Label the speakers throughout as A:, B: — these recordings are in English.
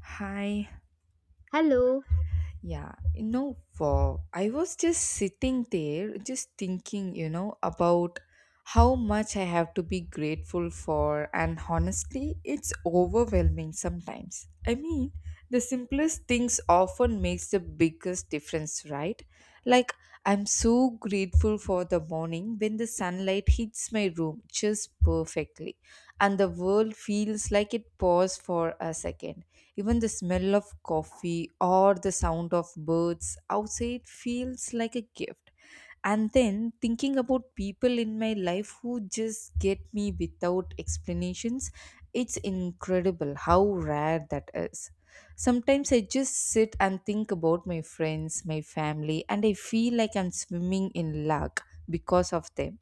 A: Hi.
B: Hello.
A: Yeah. Wow. I was just sitting there, just thinking, about how much I have to be grateful for. And honestly, it's overwhelming sometimes. The simplest things often makes the biggest difference, right? Like, I'm so grateful for the morning when the sunlight hits my room just perfectly and the world feels like it paused for a second. Even the smell of coffee or the sound of birds outside feels like a gift. And then thinking about people in my life who just get me without explanations, it's incredible how rare that is. Sometimes I just sit and think about my friends, my family, and I feel like I'm swimming in luck because of them.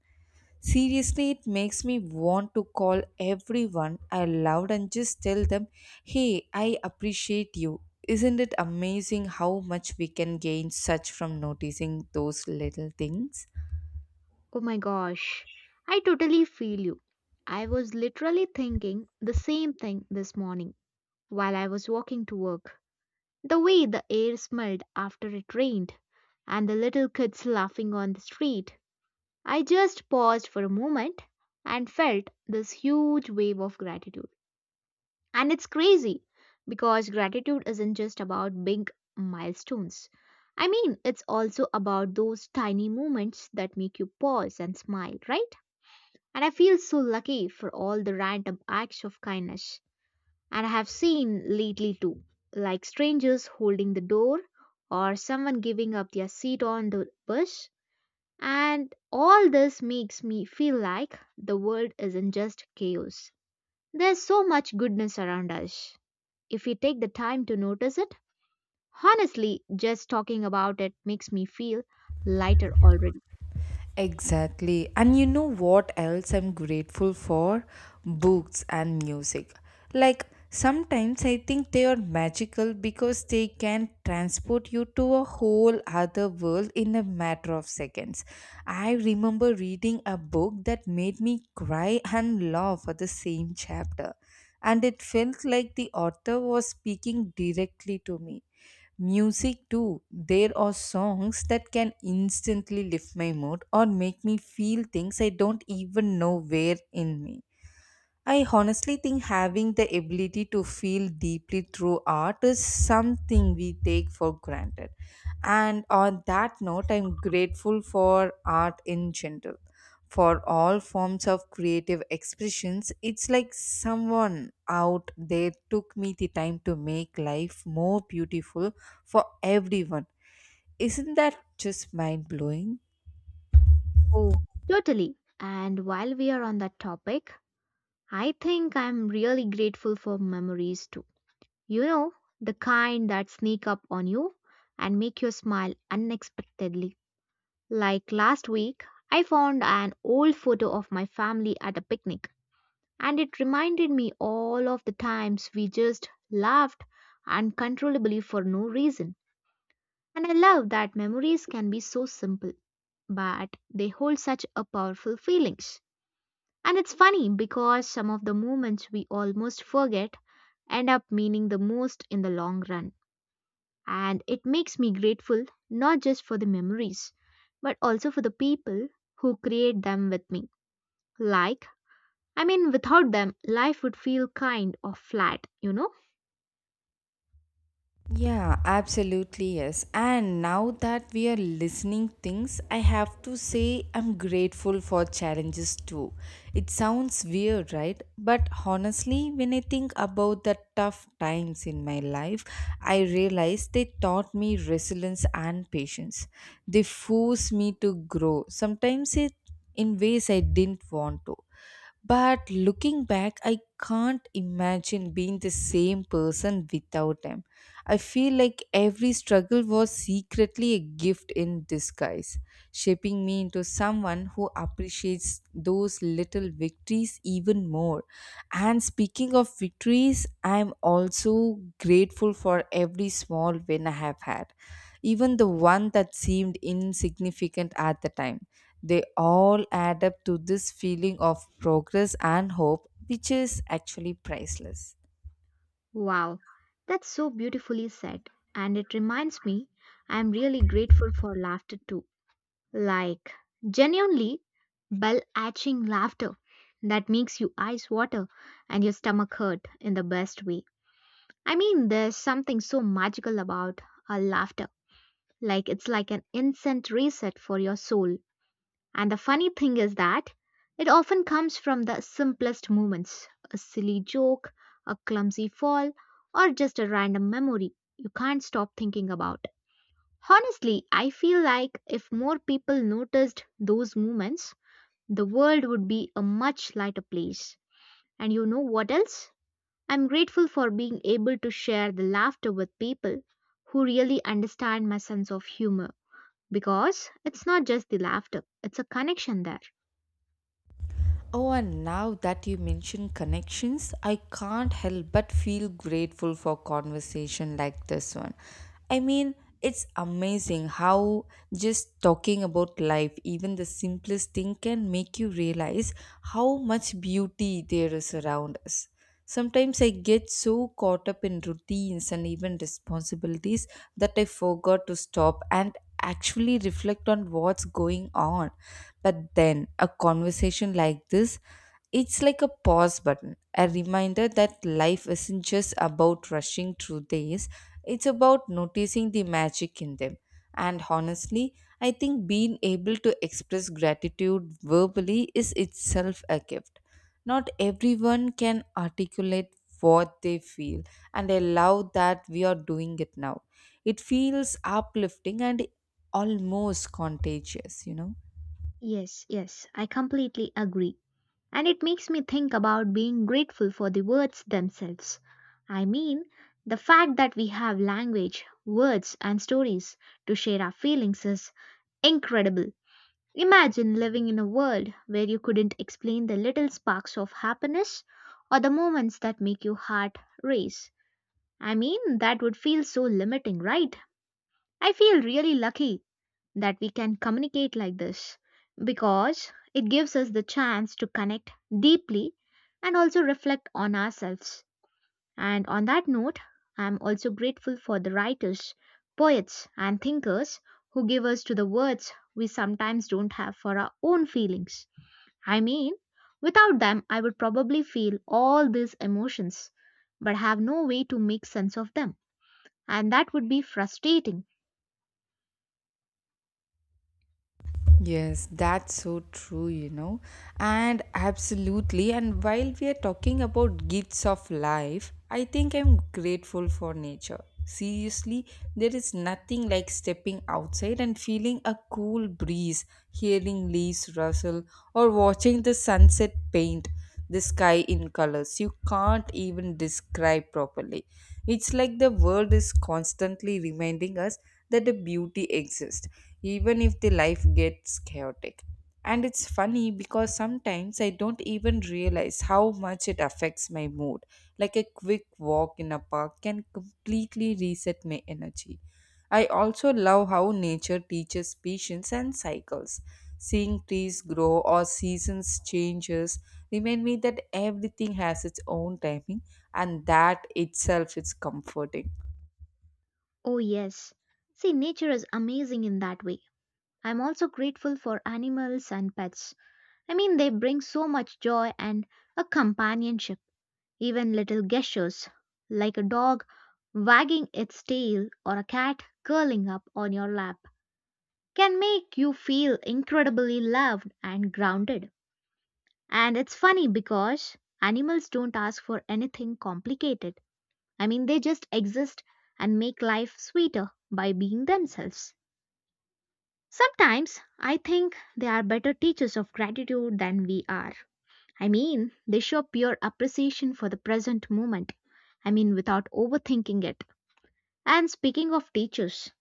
A: Seriously, it makes me want to call everyone I loved and just tell them, hey, I appreciate you. Isn't it amazing how much we can gain such from noticing those little things?
B: Oh my gosh. I totally feel you. I was literally thinking the same thing this morning while I was walking to work. The way the air smelled after it rained and the little kids laughing on the street. I just paused for a moment and felt this huge wave of gratitude. And it's crazy because gratitude isn't just about big milestones. I mean, it's also about those tiny moments that make you pause and smile, right? And I feel so lucky for all the random acts of kindness. And I have seen lately too, like strangers holding the door or someone giving up their seat on the bus. And all this makes me feel like the world isn't just chaos. There's so much goodness around us if we take the time to notice it. Honestly, just talking about it makes me feel lighter already.
A: Exactly. And you know what else I'm grateful for? Books and music. Sometimes I think they are magical because they can transport you to a whole other world in a matter of seconds. I remember reading a book that made me cry and laugh at the same chapter. And it felt like the author was speaking directly to me. Music too. There are songs that can instantly lift my mood or make me feel things I don't even know were in me. I honestly think having the ability to feel deeply through art is something we take for granted. And on that note, I'm grateful for art in general. For all forms of creative expressions, it's like someone out there took me the time to make life more beautiful for everyone. Isn't that just mind blowing?
B: Oh, totally. And while we are on that topic, I think I'm really grateful for memories too. You know, the kind that sneak up on you and make you smile unexpectedly. Like last week, I found an old photo of my family at a picnic, and it reminded me all of the times we just laughed uncontrollably for no reason. And I love that memories can be so simple, but they hold such a powerful feelings. And it's funny because some of the moments we almost forget end up meaning the most in the long run. And it makes me grateful not just for the memories, but also for the people who create them with me. Like, I mean, without them, life would feel kind of flat, you know?
A: Yeah, absolutely yes. And now that we are listening things, I have to say I'm grateful for challenges too. It sounds weird, right? But honestly, when I think about the tough times in my life, I realize they taught me resilience and patience. They forced me to grow. Sometimes it in ways I didn't want to. But looking back, I can't imagine being the same person without them. I feel like every struggle was secretly a gift in disguise, shaping me into someone who appreciates those little victories even more. And speaking of victories, I'm also grateful for every small win I have had, even the one that seemed insignificant at the time. They all add up to this feeling of progress and hope, which is actually priceless.
B: Wow, that's so beautifully said. And it reminds me, I'm really grateful for laughter too. Like, genuinely, bell aching laughter that makes you eyes water and your stomach hurt in the best way. I mean, there's something so magical about a laughter. Like, it's like an instant reset for your soul. And the funny thing is that it often comes from the simplest moments a silly joke, a clumsy fall, or just a random memory you can't stop thinking about. Honestly, I feel like if more people noticed those moments, the world would be a much lighter place. And you know what else? I'm grateful for being able to share the laughter with people who really understand my sense of humor because it's not just the laughter, it's a connection there.
A: Oh, and now that you mention connections, I can't help but feel grateful for conversation like this one. I mean, it's amazing how just talking about life, even the simplest thing, can make you realize how much beauty there is around us. Sometimes I get so caught up in routines and even responsibilities that I forgot to stop and actually reflect on what's going on. But then a conversation like this, it's like a pause button, a reminder that life isn't just about rushing through days, it's about noticing the magic in them. And honestly, I think being able to express gratitude verbally is itself a gift. Not everyone can articulate what they feel, and I love that we are doing it now. It feels uplifting and almost contagious.
B: Yes, yes, I completely agree. And it makes me think about being grateful for the words themselves. I mean, the fact that we have language, words, and stories to share our feelings is incredible. Imagine living in a world where you couldn't explain the little sparks of happiness or the moments that make your heart race. I mean, that would feel so limiting, right? I feel really lucky that we can communicate like this because it gives us the chance to connect deeply and also reflect on ourselves. And on that note, I'm also grateful for the writers, poets, and thinkers who give us to the words we sometimes don't have for our own feelings. I mean, without them, I would probably feel all these emotions but have no way to make sense of them, and that would be frustrating.
A: Yes, that's so true, you know. And absolutely. And while we are talking about gifts of life, I think I'm grateful for nature. Seriously, there is nothing like stepping outside and feeling a cool breeze, hearing leaves rustle, or watching the sunset paint the sky in colors you can't even describe properly. It's like the world is constantly reminding us that the beauty exists even if the life gets chaotic. And it's funny because sometimes I don't even realize how much it affects my mood. Like a quick walk in a park can completely reset my energy. I also love how nature teaches patience and cycles. Seeing trees grow or seasons changes remind me that everything has its own timing, and that itself is comforting.
B: Oh, yes. See, nature is amazing in that way. I'm also grateful for animals and pets. I mean, they bring so much joy and a companionship, even little gestures, like a dog wagging its tail or a cat curling up on your lap, can make you feel incredibly loved and grounded. And it's funny because animals don't ask for anything complicated. I mean, they just exist and make life sweeter by being themselves. Sometimes I think they are better teachers of gratitude than we are. I mean, they show pure appreciation for the present moment. I mean, without overthinking it. And speaking of teachers,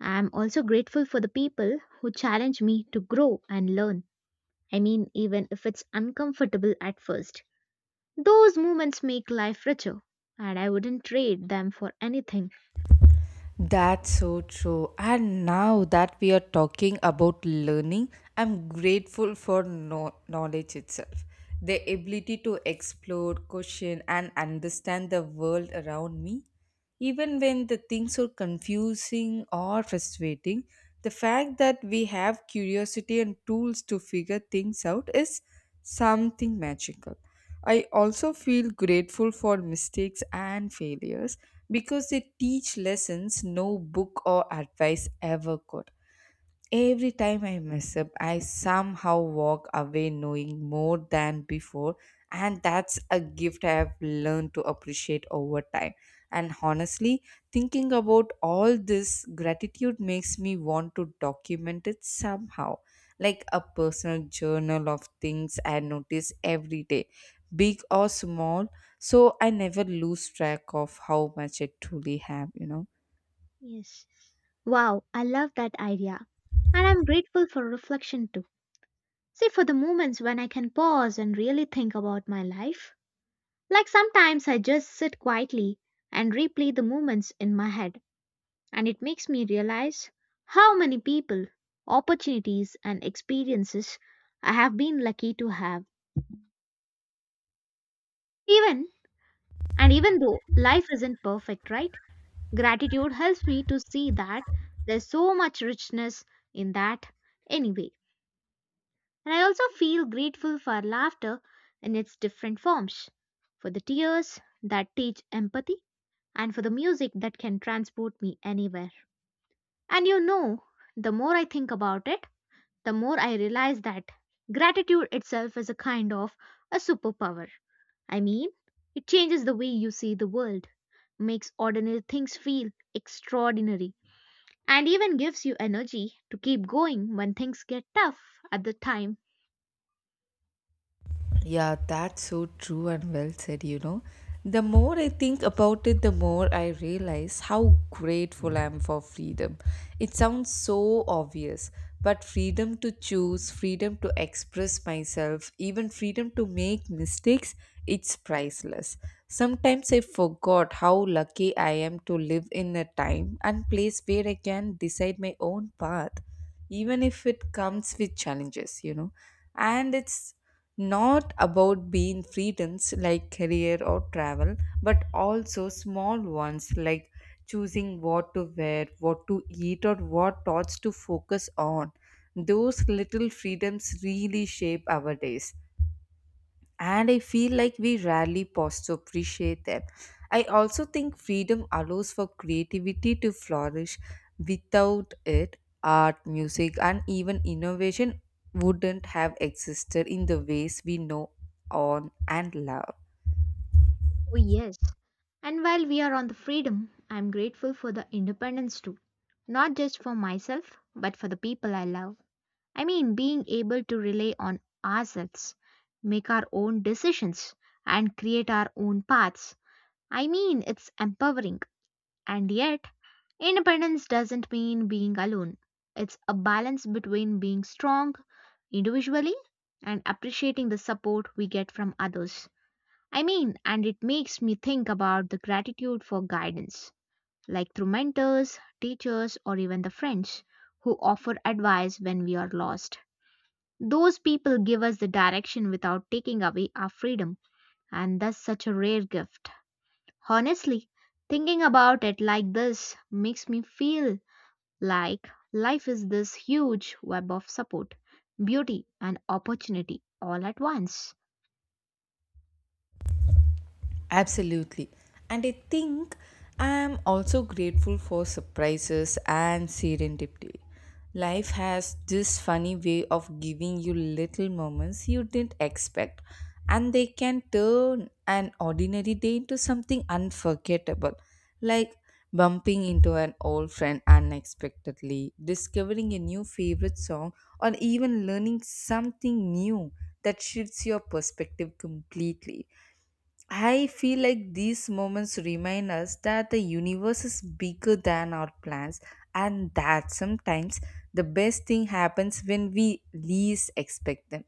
B: I am also grateful for the people who challenge me to grow and learn. I mean, even if it's uncomfortable at first. Those moments make life richer, and I wouldn't trade them for anything.
A: That's so true. And now that we are talking about learning, I'm grateful for knowledge itself. The ability to explore, question, and understand the world around me, even when the things are confusing or frustrating, the fact that we have curiosity and tools to figure things out is something magical. I also feel grateful for mistakes and failures because they teach lessons no book or advice ever could. Every time I mess up, I somehow walk away knowing more than before, and that's a gift I have learned to appreciate over time. And honestly, thinking about all this gratitude makes me want to document it somehow, like a personal journal of things I notice every day, big or small, so I never lose track of how much I truly have, you know.
B: Yes. Wow, I love that idea. And I'm grateful for reflection too. See, for the moments when I can pause and really think about my life, like sometimes I just sit quietly and replay the moments in my head, and it makes me realize how many people, opportunities, and experiences I have been lucky to have. Even and even though life isn't perfect, right? Gratitude helps me to see that there's so much richness in that anyway. And I also feel grateful for laughter in its different forms, for the tears that teach empathy, and for the music that can transport me anywhere. And you know, the more I think about it, the more I realize that gratitude itself is a kind of a superpower. I mean, it changes the way you see the world, makes ordinary things feel extraordinary, and even gives you energy to keep going when things get tough at the time.
A: Yeah, that's so true and well said, you know. The more I think about it, the more I realize how grateful I am for freedom. It sounds so obvious, but freedom to choose, freedom to express myself, even freedom to make mistakes, it's priceless. Sometimes I forgot how lucky I am to live in a time and place where I can decide my own path, even if it comes with challenges, you know. And it's not about being freedoms like career or travel, but also small ones like choosing what to wear, what to eat, or what thoughts to focus on. Those little freedoms really shape our days, and I feel like we rarely pause to appreciate them. I also think freedom allows for creativity to flourish. Without it, art, music, and even innovation wouldn't have existed in the ways we know on and love.
B: Oh, yes. And while we are on the freedom, I am grateful for the independence too. Not just for myself, but for the people I love. I mean, being able to rely on ourselves, make our own decisions, and create our own paths. I mean, it's empowering. And yet, independence doesn't mean being alone. It's a balance between being strong individually and appreciating the support we get from others. I mean, and it makes me think about the gratitude for guidance, like through mentors, teachers, or even the friends who offer advice when we are lost. Those people give us the direction without taking away our freedom, and that's such a rare gift. Honestly, thinking about it like this makes me feel like life is this huge web of support, beauty, and opportunity all at once.
A: Absolutely. And I think I am also grateful for surprises and serendipity. Life has this funny way of giving you little moments you didn't expect, and they can turn an ordinary day into something unforgettable, like bumping into an old friend unexpectedly, discovering a new favorite song, or even learning something new that shifts your perspective completely. I feel like these moments remind us that the universe is bigger than our plans, and that sometimes the best thing happens when we least expect them.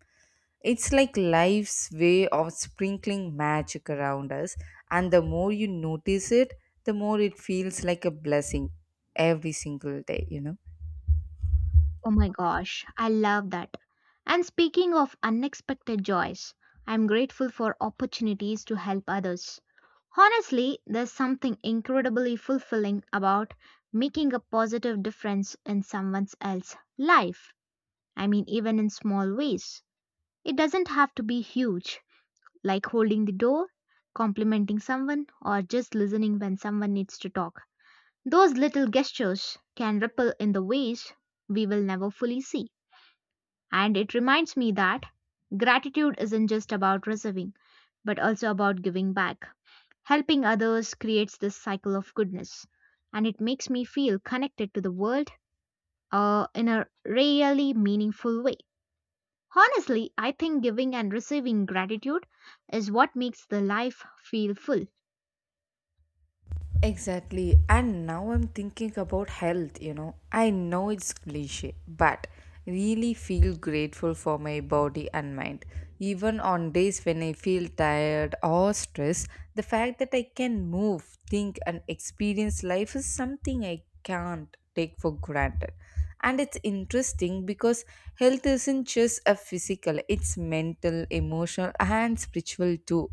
A: It's like life's way of sprinkling magic around us, and the more you notice it, the more it feels like a blessing every single day, you know.
B: Oh my gosh, I love that. And speaking of unexpected joys, I'm grateful for opportunities to help others. Honestly, there's something incredibly fulfilling about making a positive difference in someone else's life. I mean, even in small ways. It doesn't have to be huge, like holding the door, complimenting someone, or just listening when someone needs to talk. Those little gestures can ripple in the ways we will never fully see. And it reminds me that gratitude isn't just about receiving, but also about giving back. Helping others creates this cycle of goodness, and it makes me feel connected to the world in a really meaningful way. Honestly, I think giving and receiving gratitude is what makes the life feel full.
A: Exactly. And now I'm thinking about health, you know. I know it's cliche, but really feel grateful for my body and mind. Even on days when I feel tired or stressed, the fact that I can move, think, and experience life is something I can't take for granted. And it's interesting because health isn't just a physical, it's mental, emotional, and spiritual too.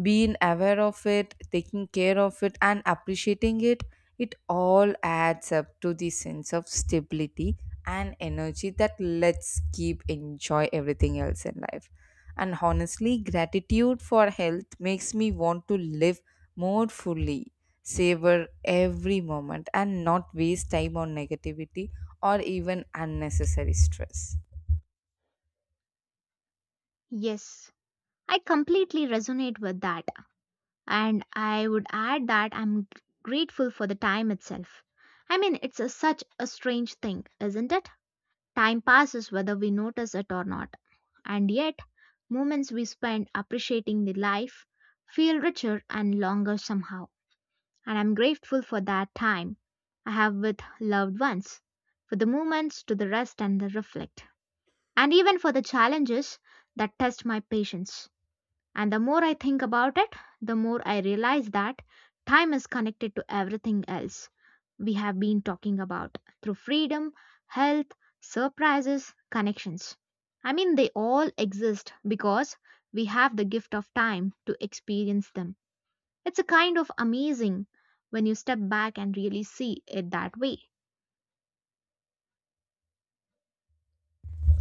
A: Being aware of it, taking care of it, and appreciating it, it all adds up to the sense of stability and energy that lets keep enjoy everything else in life. And honestly, gratitude for health makes me want to live more fully, savor every moment, and not waste time on negativity or even unnecessary stress.
B: Yes, I completely resonate with that. And I would add that grateful for the time itself. I mean, such a strange thing, isn't it? Time passes whether we notice it or not. And yet, moments we spend appreciating the life feel richer and longer somehow. And I'm grateful for that time I have with loved ones, for the moments to the rest and the reflect, and even for the challenges that test my patience. And the more I think about it, the more I realize that time is connected to everything else we have been talking about through freedom, health, surprises, connections. I mean, they all exist because we have the gift of time to experience them. It's a kind of amazing when you step back and really see it that way.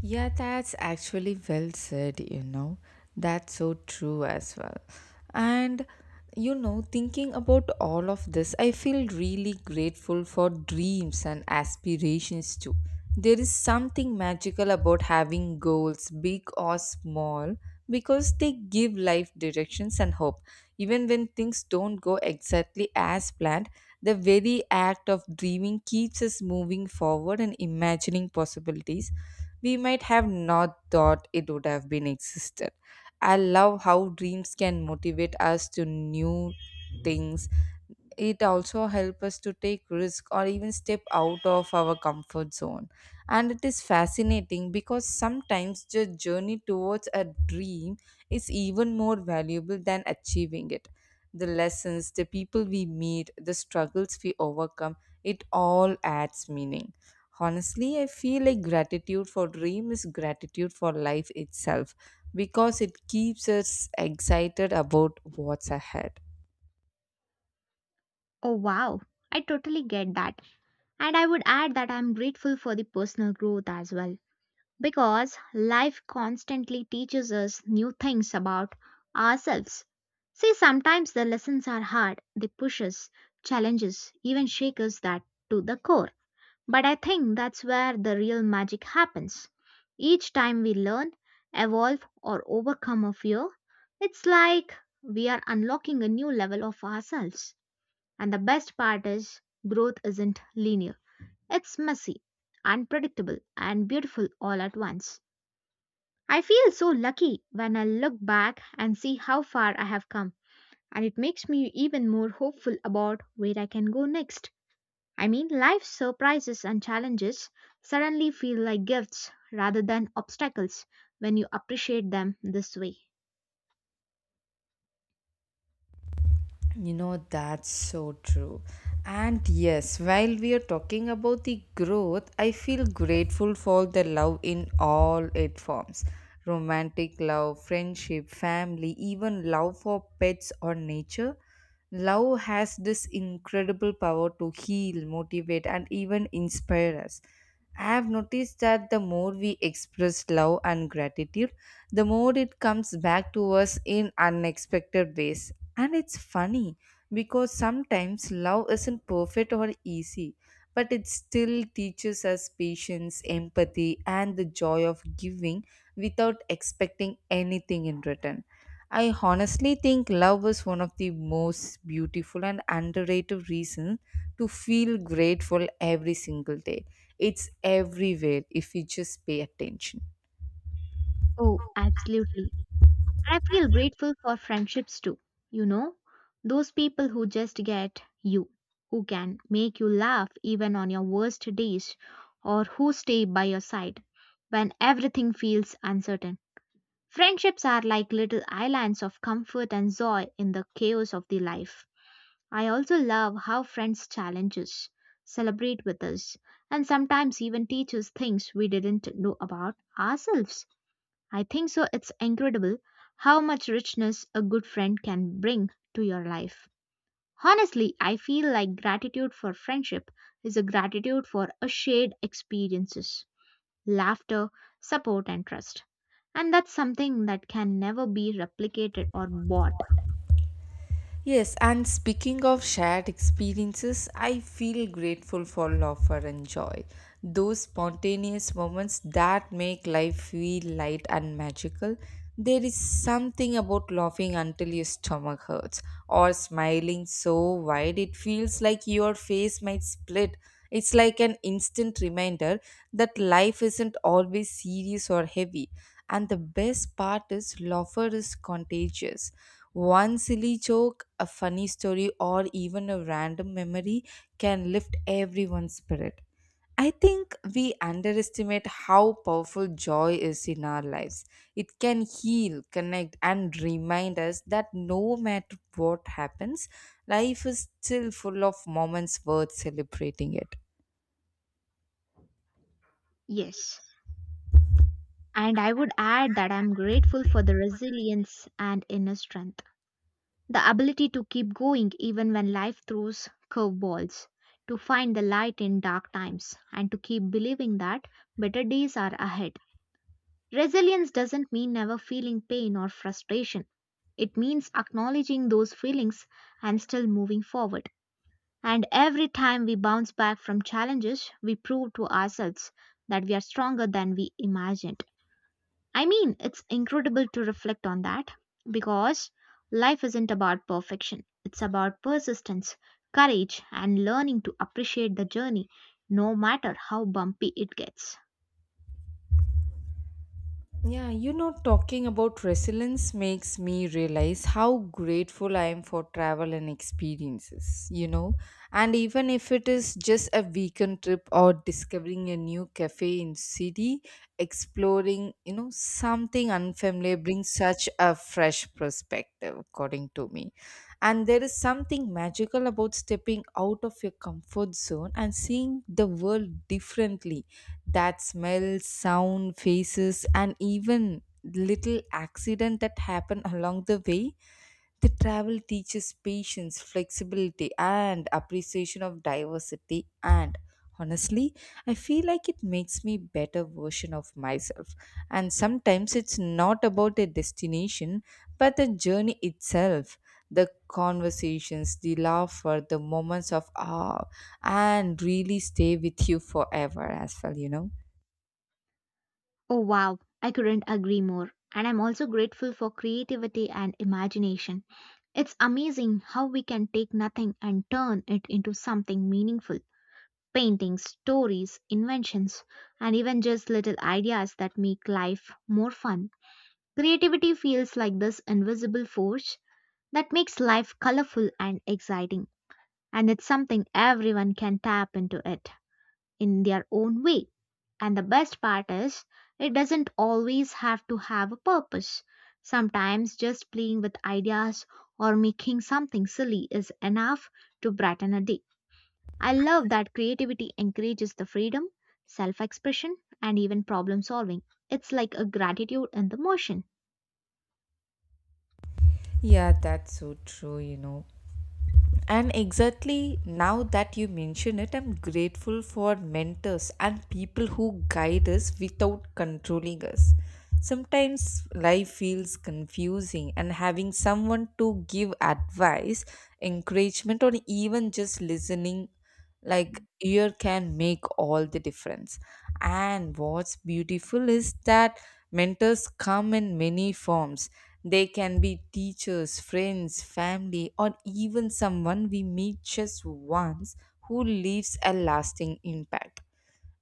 A: Yeah, that's actually well said, you know. That's so true as well. And, you know, thinking about all of this, I feel really grateful for dreams and aspirations too. There is something magical about having goals, big or small, because they give life directions and hope. Even when things don't go exactly as planned, the very act of dreaming keeps us moving forward and imagining possibilities we might have not thought it would have been existed. I love how dreams can motivate us to new things. It also helps us to take risk or even step out of our comfort zone. And it is fascinating because sometimes the journey towards a dream is even more valuable than achieving it. The lessons, the people we meet, the struggles we overcome, it all adds meaning. Honestly, I feel like gratitude for dream is gratitude for life itself, because it keeps us excited about what's ahead.
B: Oh, wow, I totally get that. And I would add that I'm grateful for the personal growth as well because life constantly teaches us new things about ourselves. See, sometimes the lessons are hard, they push us, challenge us, even shake us that to the core. But I think that's where the real magic happens. Each time we learn, evolve, or overcome a fear, it's like we are unlocking a new level of ourselves. And the best part is, growth isn't linear, it's messy, unpredictable, and beautiful all at once. I feel so lucky when I look back and see how far I have come, and it makes me even more hopeful about where I can go next. I mean, life's surprises and challenges suddenly feel like gifts rather than obstacles when you appreciate them this way.
A: You know, that's so true. And yes, while we are talking about the growth, I feel grateful for the love in all its forms, romantic love, friendship, family, even love for pets or nature. Love has this incredible power to heal, motivate, and even inspire us. I have noticed that the more we express love and gratitude, the more it comes back to us in unexpected ways. And it's funny because sometimes love isn't perfect or easy, but it still teaches us patience, empathy, and the joy of giving without expecting anything in return. I honestly think love is one of the most beautiful and underrated reasons to feel grateful every single day. It's everywhere if we just pay attention.
B: Oh, absolutely. I feel grateful for friendships too. You know, those people who just get you, who can make you laugh even on your worst days, or who stay by your side when everything feels uncertain. Friendships are like little islands of comfort and joy in the chaos of the life. I also love how friends challenge us, celebrate with us, and sometimes even teach us things we didn't know about ourselves. I think so. It's incredible how much richness a good friend can bring to your life. Honestly, I feel like gratitude for friendship is a gratitude for a shared experiences, laughter, support and trust. And that's something that can never be replicated or bought.
A: Yes, and speaking of shared experiences, I feel grateful for laughter and joy. Those spontaneous moments that make life feel light and magical. There is something about laughing until your stomach hurts, or smiling so wide it feels like your face might split. It's like an instant reminder that life isn't always serious or heavy. And the best part is, laughter is contagious, one silly joke, a funny story, or even a random memory can lift everyone's spirit. I think we underestimate how powerful joy is in our lives. It can heal, connect, and remind us that no matter what happens, life is still full of moments worth celebrating it.
B: Yes. And I would add that I'm grateful for the resilience and inner strength. The ability to keep going even when life throws curveballs, to find the light in dark times, and to keep believing that better days are ahead. Resilience doesn't mean never feeling pain or frustration. It means acknowledging those feelings and still moving forward. And every time we bounce back from challenges, we prove to ourselves that we are stronger than we imagined. I mean, it's incredible to reflect on that because life isn't about perfection. It's about persistence, courage, and learning to appreciate the journey no matter how bumpy it gets.
A: Yeah, talking about resilience makes me realize how grateful I am for travel and experiences. And even if it is just a weekend trip or discovering a new cafe in city, exploring, something unfamiliar brings such a fresh perspective, according to me. And there is something magical about stepping out of your comfort zone and seeing the world differently. That smell, sound, faces, and even little accident that happen along the way, the travel teaches patience, flexibility, and appreciation of diversity. And honestly, I feel like it makes me better version of myself. And sometimes it's not about a destination, but the journey itself. The conversations, the laughter, the moments of awe, and really stay with you forever as well.
B: Oh, wow, I couldn't agree more. And I'm also grateful for creativity and imagination. It's amazing how we can take nothing and turn it into something meaningful. Paintings, stories, inventions, and even just little ideas that make life more fun. Creativity feels like this invisible force that makes life colorful and exciting, and it's something everyone can tap into it in their own way. And the best part is, it doesn't always have to have a purpose. Sometimes just playing with ideas or making something silly is enough to brighten a day. I love that creativity encourages the freedom, self expression, and even problem solving. It's like a gratitude in the motion.
A: Yeah, that's so true. And exactly now that you mention it, I'm grateful for mentors and people who guide us without controlling us. Sometimes life feels confusing, and having someone to give advice, encouragement, or even just listening like ear can make all the difference. And what's beautiful is that mentors come in many forms, they can be teachers, friends, family, or even someone we meet just once who leaves a lasting impact.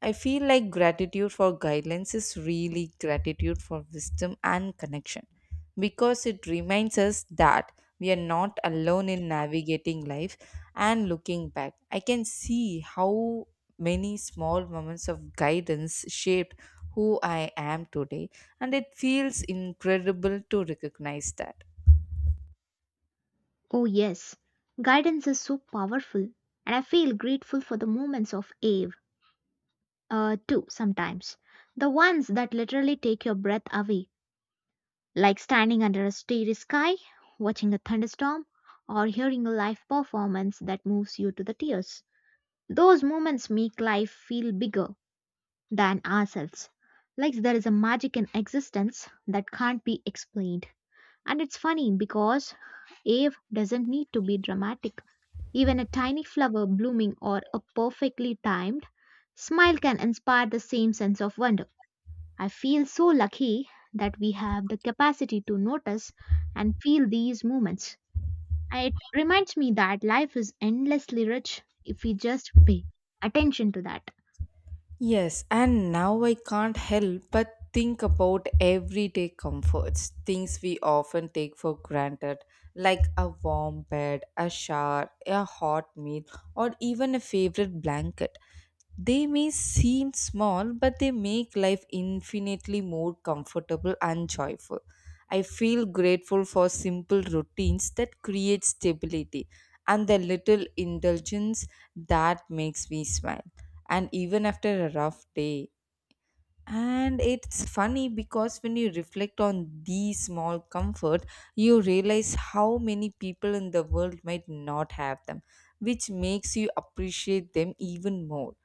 A: I feel like gratitude for guidelines is really gratitude for wisdom and connection because it reminds us that we are not alone in navigating life. And looking back, I can see how many small moments of guidance shaped who I am today, and it feels incredible to recognize that.
B: Oh, yes, guidance is so powerful, and I feel grateful for the moments of Ave, too, sometimes. The ones that literally take your breath away, like standing under a starry sky, watching a thunderstorm, or hearing a live performance that moves you to the tears. Those moments make life feel bigger than ourselves. Like there is a magic in existence that can't be explained. And it's funny because Ave doesn't need to be dramatic. Even a tiny flower blooming or a perfectly timed smile can inspire the same sense of wonder. I feel so lucky that we have the capacity to notice and feel these moments. It reminds me that life is endlessly rich if we just pay attention to that.
A: Yes, and now I can't help but think about everyday comforts, things we often take for granted, like a warm bed, a shower, a hot meal, or even a favorite blanket. They may seem small, but they make life infinitely more comfortable and joyful. I feel grateful for simple routines that create stability and the little indulgence that makes me smile and even after a rough day. And it's funny because when you reflect on these small comfort, you realize how many people in the world might not have them, which makes you appreciate them even more.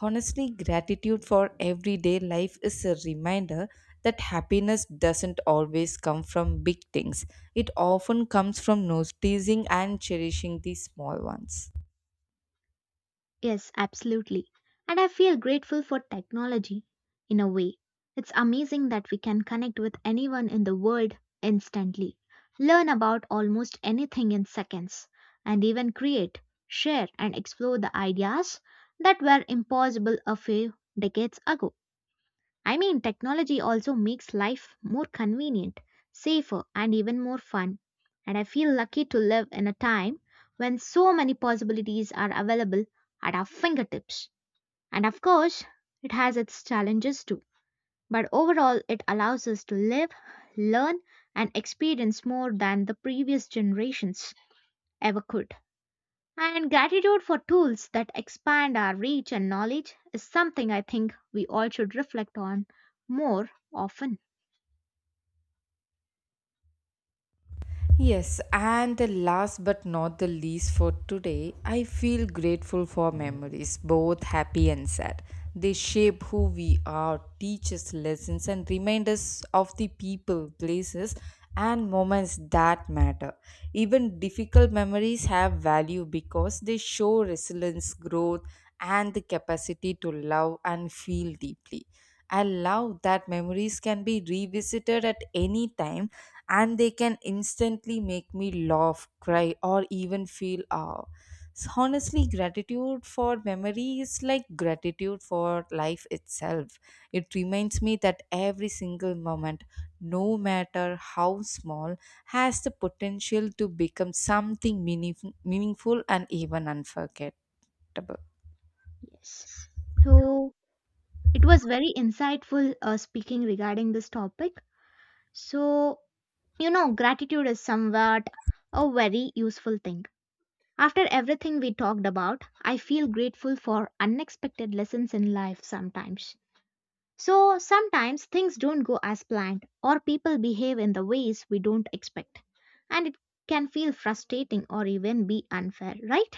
A: Honestly, gratitude for everyday life is a reminder that happiness doesn't always come from big things. It often comes from noticing and cherishing the small ones.
B: Yes, absolutely. And I feel grateful for technology in a way. It's amazing that we can connect with anyone in the world instantly, learn about almost anything in seconds, and even create, share, and explore the ideas that were impossible a few decades ago. I mean, technology also makes life more convenient, safer, and even more fun. And I feel lucky to live in a time when so many possibilities are available at our fingertips. And of course, it has its challenges too. But overall, it allows us to live, learn, and experience more than the previous generations ever could. And gratitude for tools that expand our reach and knowledge is something I think we all should reflect on more often.
A: Yes, and the last but not the least for today, I feel grateful for memories, both happy and sad. They shape who we are, teach us lessons, and remind us of the people, places, and moments that matter. Even difficult memories have value because they show resilience, growth, and the capacity to love and feel deeply. I love that memories can be revisited at any time and they can instantly make me laugh, cry, or even feel awe. So honestly, gratitude for memory is like gratitude for life itself. It reminds me that every single moment, no matter how small, has the potential to become something meaningful and even unforgettable.
B: Yes. So it was very insightful speaking regarding this topic. So, you know, gratitude is somewhat a very useful thing. After everything we talked about, I feel grateful for unexpected lessons in life sometimes. So, sometimes things don't go as planned, or people behave in the ways we don't expect. And it can feel frustrating or even be unfair, right?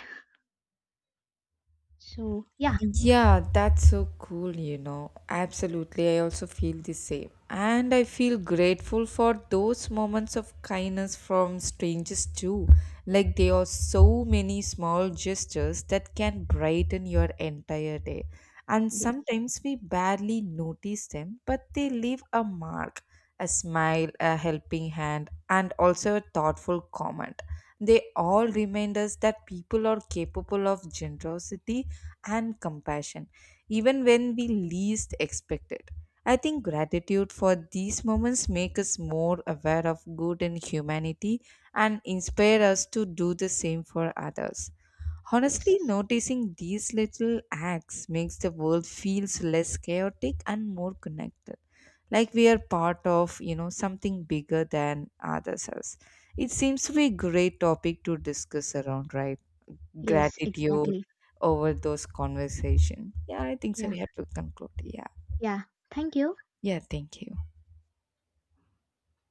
B: So, yeah,
A: Yeah, that's so cool, you know. Absolutely. I also feel the same. And I feel grateful for those moments of kindness from strangers too. Like there are so many small gestures that can brighten your entire day. And
B: yes,
A: sometimes we barely notice them, but they leave a mark, a smile, a helping hand, and also a thoughtful comment. They all remind us that people are capable of generosity and compassion, even when we least expect it. I think gratitude for these moments make us more aware of good in humanity and inspire us to do the same for others.
B: yes,
A: Honestly, noticing these little acts makes the world feels less chaotic and more connected. Like we are part of, something bigger than ourselves. It seems to be a great topic to discuss around, right?
B: yes,
A: Gratitude
B: exactly.
A: over those conversation. Yeah, I think so.
B: Yeah.
A: We have to conclude. Yeah.
B: Yeah, thank you.
A: Yeah, thank you.